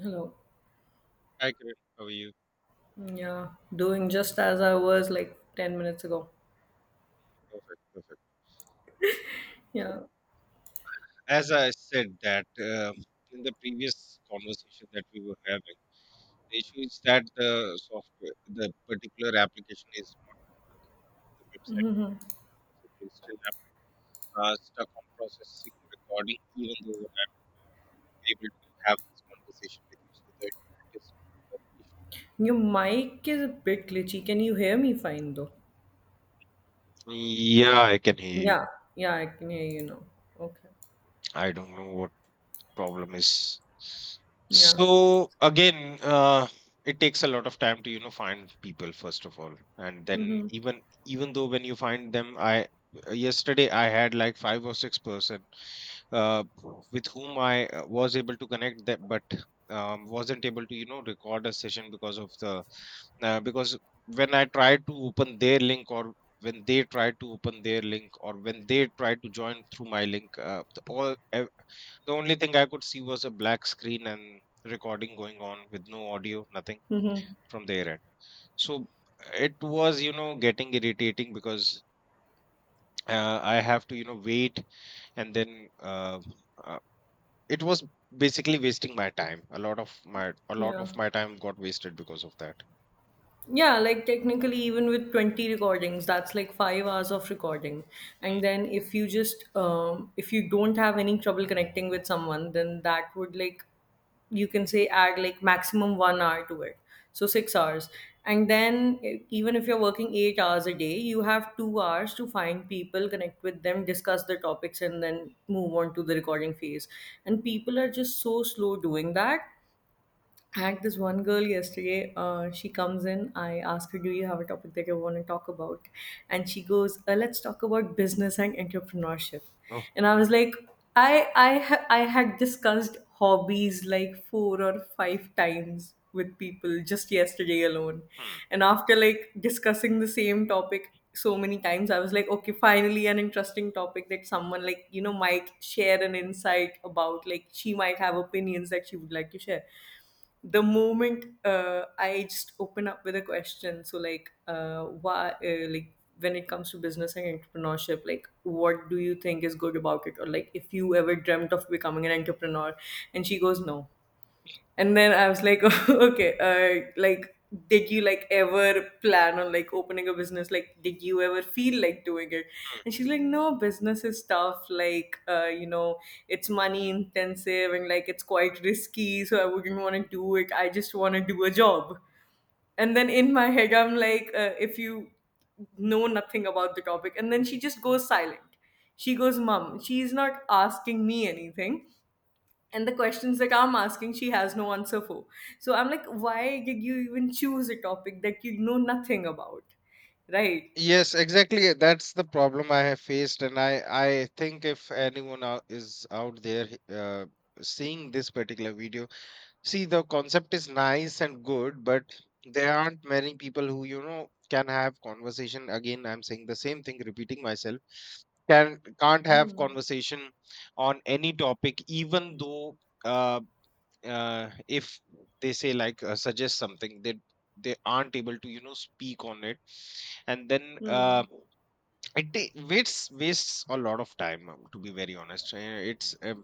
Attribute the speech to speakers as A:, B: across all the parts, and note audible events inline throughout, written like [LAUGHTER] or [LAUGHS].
A: Hello.
B: I can with you.
A: Yeah, doing just as I was like 10 minutes ago.
B: Perfect, perfect. So,
A: Yeah.
B: as I said that in the previous conversation that we were having, the issue is that the software, the particular application is not working. The website
A: hmm
B: perfectly still am stuck on processing recording, even though I'm able to have this conversation with you, so that it is not
A: Your mic is a bit glitchy. Can you hear me fine though?
B: an issue. Yeah, I can hear you.
A: Yeah. Yeah, I can hear you now. Okay.
B: I don't know what problem is.
A: Yeah.
B: So again, it takes a lot of time to find people first of all, and then
A: Mm-hmm.
B: even though when you find them, I yesterday I had like five or six person, uh, with whom I was able to connect that, but wasn't able to, you know, record a session because of the because when I tried to open their link or when they tried to open their link or when they tried to join through my link, the only thing I could see was a black screen and recording going on with no audio, nothing
A: Mm-hmm.
B: from their end. So it was, you know, getting irritating because I have to, you know, wait and then uh, it was basically wasting my time. a lot of my a lot
A: Yeah.
B: of my time got wasted because of that.
A: Yeah, like technically, even with 20 recordings, that's like 5 hours of recording. And then if you just, if you don't have any trouble connecting with someone, then that would like, you can say add like maximum 1 hour to it. So 6 hours. And then even if you're working 8 hours a day, you have 2 hours to find people, connect with them, discuss the topics, and then move on to the recording phase. And people are just so slow doing that. I had this one girl yesterday. She comes in. I ask her, "Do you have a topic that you want to talk about?" And she goes, "Let's talk about business and entrepreneurship."
B: Oh.
A: And I was like, "I I had discussed hobbies like four or five times with people just yesterday alone,
B: Hmm,
A: and after like discussing the same topic." So many times I was like, okay, finally an interesting topic that someone, like, you know, might share an insight about. Like, she might have opinions that she would like to share. The moment I just open up with a question, so like, why, like, when it comes to business and entrepreneurship, like, what do you think is good about it, or like if you ever dreamt of becoming an entrepreneur, and she goes no. And then I was like, [LAUGHS] okay, like, did you like ever plan on like opening a business? Like, did you ever feel like doing it?
B: hmm.
A: And she's like, no, business is tough. Like, you know, it's money intensive and like it's quite risky. So I wouldn't want to do it. I just want to do a job. And then in my head, I'm like, if you know nothing about the topic, and then she just goes silent. She goes, mom, she's not asking me anything, and the questions that I'm asking she has no answer for. So I'm like, why did you even choose a topic that you know nothing about, right?
B: Yes, exactly, that's the problem I have faced, and I think if anyone is out there seeing this particular video, see, the concept is nice and good, but there aren't many people who, you know, can have conversation. Again, I'm saying the same thing, repeating myself, can't have conversation on any topic. Even though Uh, if they say like, suggest something, they aren't able to, you know, speak on it. And then uh,
A: Hmm.
B: it ta- wastes a lot of time, to be very honest. Uh, it's um,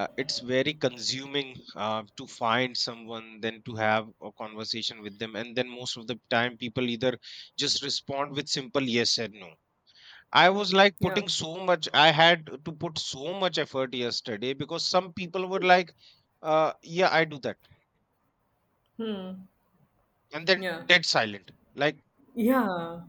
B: uh, It's very consuming to find someone, then to have a conversation with them, and then most of the time people either just respond with simple yes and no. I was like
A: Yeah.
B: putting so much, I had to put so much effort yesterday because some people were like, yeah, I do that.
A: Hmm.
B: And then
A: Yeah,
B: dead silent, like
A: yeah,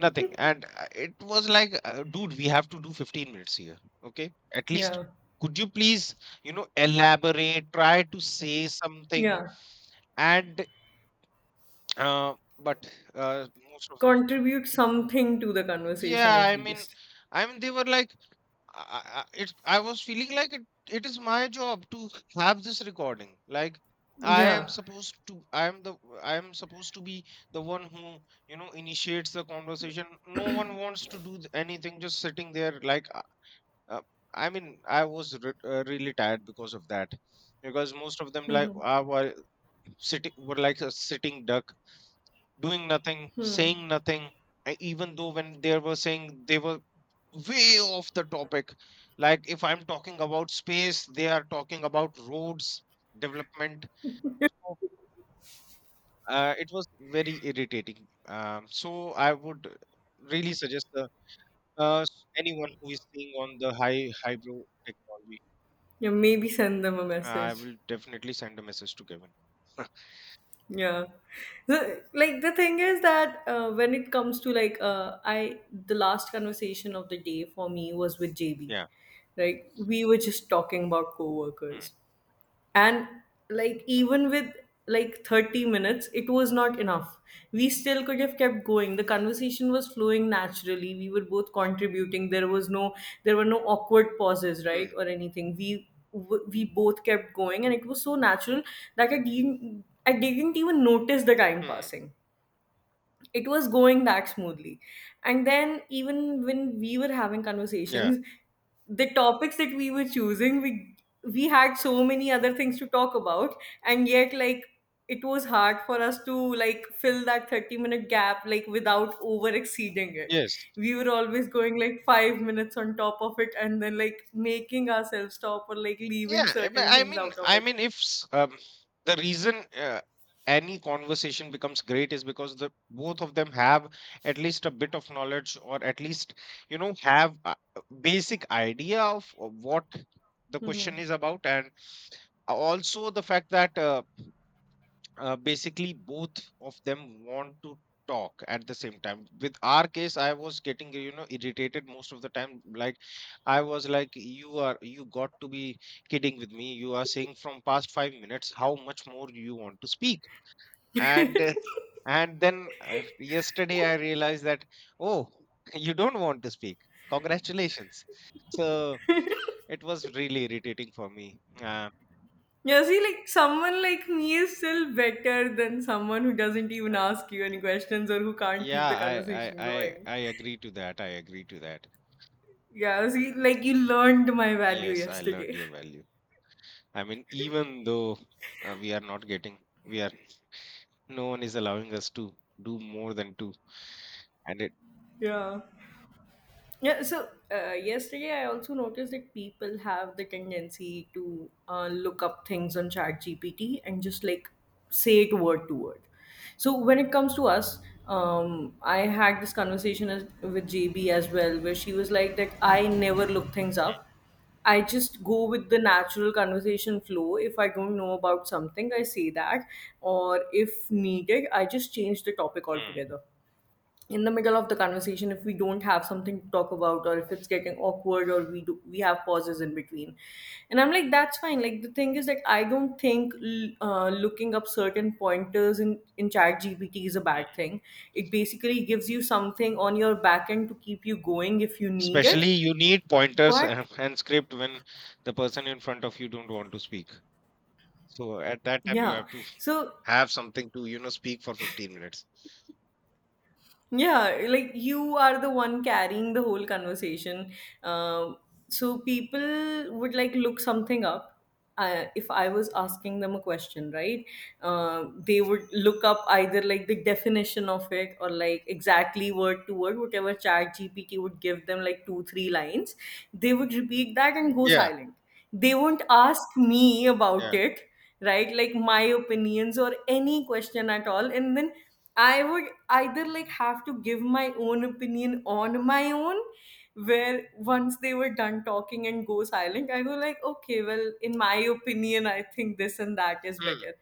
B: nothing, and it was like, dude, we have to do 15 minutes here, okay, at least.
A: yeah,
B: Could you please, you know, elaborate, try to say something.
A: yeah.
B: And uh, but uh, most of the,
A: Contribute something to the conversation
B: yeah,
A: at
B: i mean
A: least.
B: i mean they were like, I, I I- I was feeling like it is my job to have this recording. Like I am
A: Yeah.
B: supposed to I am the I am supposed to be the one who, you know, initiates the conversation. No one wants to do anything, just sitting there like uh, I mean, I was re really tired because of that. Because most of them like were sitting were like a sitting duck, doing nothing, saying nothing. Even though when they were saying, they were way off the topic. Like if I'm talking about space, they are talking about roads development. So, it was very irritating. So I would really suggest the, anyone who is seeing on the high hybro technology.
A: Yeah, maybe send them a
B: I
A: message.
B: will definitely send a message to Kevin. [LAUGHS]
A: Yeah. The, like, the thing is that when it comes to like I the last conversation of the day for me was with JB.
B: Yeah.
A: Like we were just talking about
B: Hmm.
A: coworkers, and like, even with like 30 minutes, it was not enough. We still could have kept going. The conversation was flowing naturally, we were both contributing. There was no, there were no awkward pauses, right,
B: Hmm.
A: or anything. We we both kept going and it was so natural that I didn't I didn't even notice the time
B: Hmm.
A: passing. It was going that smoothly. And then even when we were having
B: Yeah.
A: conversations, the topics that we were choosing, we had so many other things to talk about, and yet, like, it was hard for us to like fill that 30-minute gap like without over exceeding it.
B: Yes.
A: We were always going like 5 minutes on top of it and then like making ourselves stop or like
B: Yeah,
A: leaving
B: I mean,
A: certain
B: I
A: things
B: mean,
A: out of
B: I
A: it.
B: mean, if the reason any conversation becomes great is because the both of them have at least a bit of knowledge, or at least, you know, have a basic idea of what the question
A: Mm-hmm.
B: is about, and also the fact that basically both of them want to talk at the same time. With our case, I was getting, you know, irritated most of the time. Like, I was like, you are, you got to be kidding with me, you are saying from past 5 minutes, how much more do you want to speak? And uh, and then uh, yesterday I realized that, oh, [LAUGHS] you don't want to speak. Congratulations. So it was really irritating for me.
A: Yeah, see, like someone like me is still better than someone who doesn't even ask you any questions or who can't
B: Yeah,
A: keep the
B: I, I,
A: conversation
B: I,
A: going.
B: I agree to that. I agree to that.
A: Yeah, see, like you learned my value
B: Yes, I learned
A: yesterday.
B: your
A: [LAUGHS]
B: value. I mean, even though we are not getting, we are, no one is allowing us to do more than two. And it,
A: Yeah. Yeah, so yesterday I also noticed that people have the tendency to look up things on ChatGPT and just like say it word to word. So when it comes to us, I had this conversation with JB as well, where she was like that I never look things up. I just go with the natural conversation flow. If I don't know about something, I say that, or if needed, I just change the topic
B: hmm,
A: altogether in the middle of the conversation if we don't have something to talk about or if it's getting awkward or we have pauses in between. And I'm like, that's fine. Like, the thing is that I don't think looking up certain pointers in chat gpt is a bad
B: hmm,
A: thing. It basically gives you something on your back end to keep you going if you need
B: especially
A: it.
B: you need pointers [LAUGHS]
A: But
B: and script when the person in front of you don't want to speak. So at that time, you
A: yeah,
B: have to
A: so.
B: have something to, you know, speak for 15 minutes.
A: Yeah, like you are the one carrying the whole conversation. Um, so people would like look something up. If I was asking them a question, right? They would look up either like the definition of it or like exactly word to word, whatever Chat GPT would give them, like two, three lines. They would repeat that and go
B: Yeah,
A: silent. They won't ask me about
B: yeah,
A: it, right? Like my opinions or any question at all. And then I would either like have to give my own opinion on my own, where once they were done talking and go silent, I go like, okay, well, in my opinion, I think this and that is
B: mm,
A: better.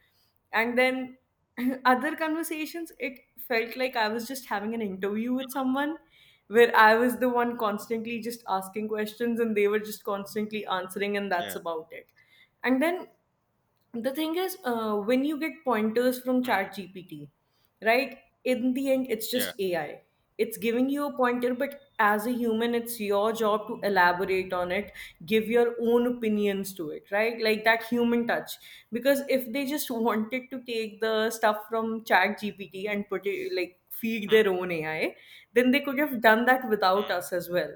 A: And then [CLEARS THROAT] other conversations, it felt like I was just having an interview with someone where I was the one constantly just asking questions and they were just constantly answering, and
B: yeah,
A: that's about it. And then the thing is when you get pointers from
B: mm,
A: chat gpt, right, in the end it's
B: yeah,
A: just ai. It's giving you a pointer, but as a human it's your job to elaborate on it, give your own opinions to it, right? Like that human touch. Because if they just [LAUGHS] wanted to take the stuff from chat gpt and put it, like, feed
B: mm,
A: their own ai, then they could have done that without
B: mm,
A: us as well.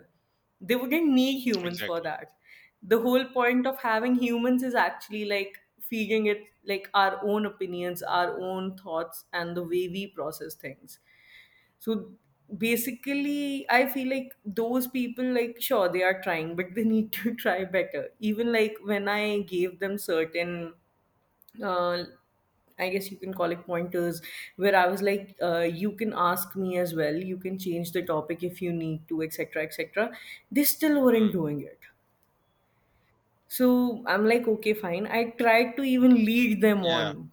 A: They wouldn't need humans for
B: exactly.
A: that. The whole point of having humans is actually like feeding it like our own opinions, our own thoughts, and the way we process things. So basically, I feel like those people, like, sure, they are trying, but they need to [LAUGHS] try better. Even like when I gave them certain uh, I guess you can call it pointers, where I was like, you can ask me as well, you can change the topic if you need to, etc., etc. They still weren't
B: Mm,
A: doing it. So I'm like, okay, fine. I tried to even lead them
B: yeah.
A: on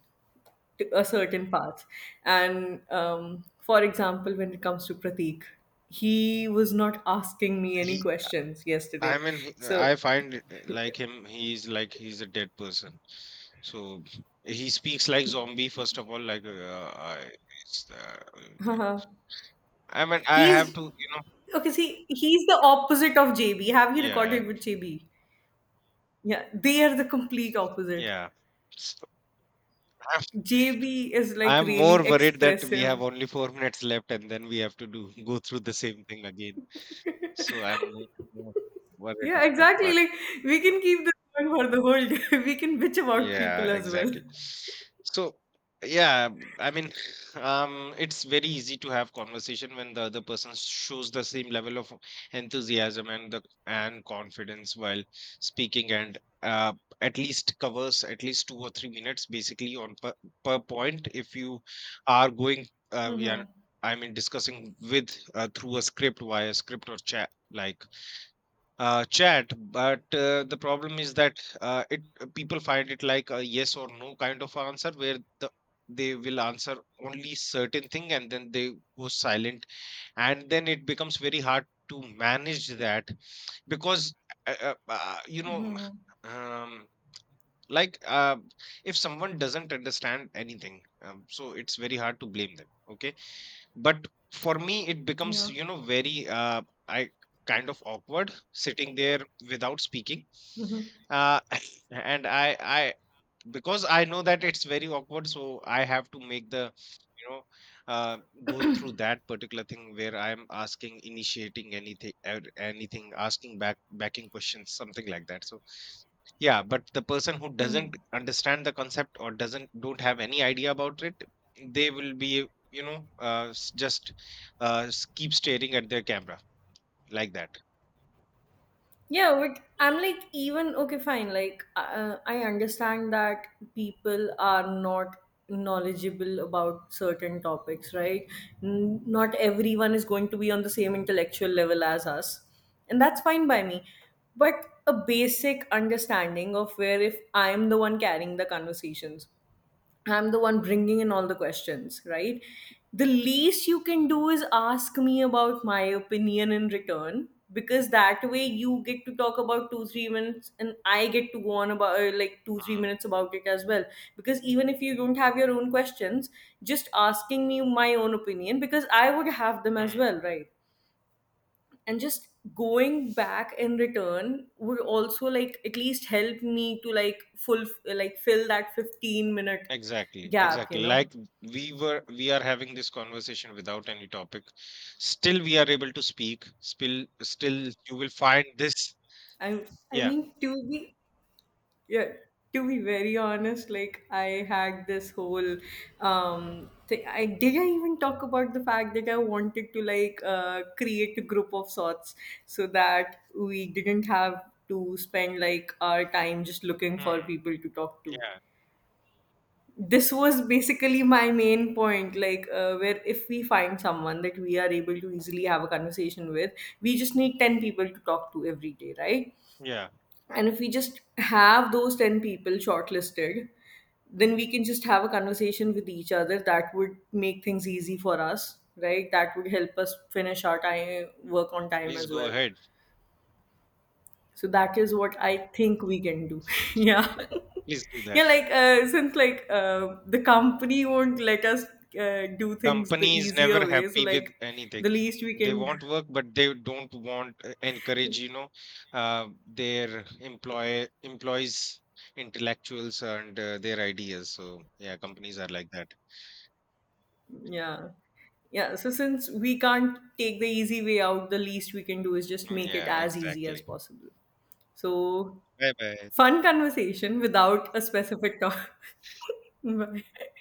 A: to a certain path. And for example, when it comes to Pratik, he was not asking me any
B: He,
A: questions
B: I
A: yesterday.
B: mean, I
A: So,
B: find it, he's like, he's a dead person. So he speaks like zombie, first of all. Like, it's, uh,
A: [LAUGHS]
B: I mean, I have
A: he's
B: to, you know,
A: okay. See, he's the opposite of JB. Have you
B: yeah,
A: recorded with JB? Yeah, they are the complete opposite.
B: yeah. [LAUGHS] So I'm,
A: JB is like
B: I'm
A: really
B: more worried that we have
A: expressive.
B: only 4 minutes left and then we have to do go through the same thing again. So more worried
A: Yeah,
B: on that
A: exactly.
B: part.
A: Like we can keep this going for the whole day. [LAUGHS] We can bitch about people
B: Yeah,
A: as well.
B: exactly. So, yeah, I mean, [SIGHS] [LAUGHS] it's very easy to have conversation when the other person shows the same level of enthusiasm and the and confidence while speaking, and uh, at least covers at least 2 or 3 minutes basically on per point. If you are going, yeah,
A: Mm-hmm.
B: I mean, discussing with, through a script via script or chat, like, chat, but the problem is that it people find it like a yes or no kind of answer, where the they will answer only certain thing and then they go silent, and then it becomes very hard to manage that, because you know,
A: Mm-hmm.
B: um, like uh, if someone doesn't understand anything, so it's very hard to blame them, okay, but for me it becomes,
A: Yeah.
B: you know, very I kind of awkward sitting there without speaking.
A: Mm-hmm.
B: uh, [LAUGHS] and I because I know that it's very awkward, so I have to make the, you know, uh, go through that particular thing where I'm asking, initiating anything, anything, asking backing questions, something like that. So yeah, but the person who
A: Mm-hmm.
B: doesn't understand the concept or doesn't don't have any idea about it, they will be, you know, just keep staring at their camera like that.
A: Yeah, but I'm like, even okay, fine. Like, I understand that people are not knowledgeable about certain topics, right? Not everyone is going to be on the same intellectual level as us, and that's fine by me. But a basic understanding of where if I'm the one carrying the conversations, I'm the one bringing in all the questions, right? The least you can do is ask me about my opinion in return, because that way you get to talk about 2 3 minutes and I get to go on about like 2 3 minutes about it as well, because even if you don't have your own questions, just asking me my own opinion, because I would have them as well, right? And just going back in return would also like at least help me to like full like fill that 15-minute
B: Exactly,
A: gap, you
B: exactly.
A: know.
B: Like we are having this conversation without any topic. Still, we are able to speak. Still, you will find this.
A: i i
B: Yeah.
A: mean to be, yeah, to be very honest, like I had this whole thing. I did, I even talk about the fact that I wanted to like create a group of sorts, so that we didn't have to spend like our time just looking for
B: Hmm.
A: people to talk to.
B: Yeah.
A: This was basically my main point, like where if we find someone that we are able to easily have a conversation with, we just need 10 people to talk to every day, right?
B: Yeah.
A: And if we just have those 10 people shortlisted, then we can just have a conversation with each other. That would make things easy for us, right? That would help us finish our time, work on time
B: Please
A: as
B: go
A: well.
B: ahead.
A: So that is what I think we can do. [LAUGHS] Yeah.
B: Please do that.
A: Yeah, like since like the company won't let us do things the
B: Company is never
A: easier way, so
B: happy with
A: like the
B: anything.
A: least we
B: They
A: can,
B: want work, but they don't want encourage, you know, their employees, intellectuals, and their ideas. So yeah, companies are like that.
A: yeah, yeah. So since we can't take the easy way out, the least we can do is just
B: Mm,
A: make it
B: yeah.
A: as easy as
B: Exactly.
A: possible. So
B: Bye bye.
A: fun conversation without a specific talk. [LAUGHS] Bye.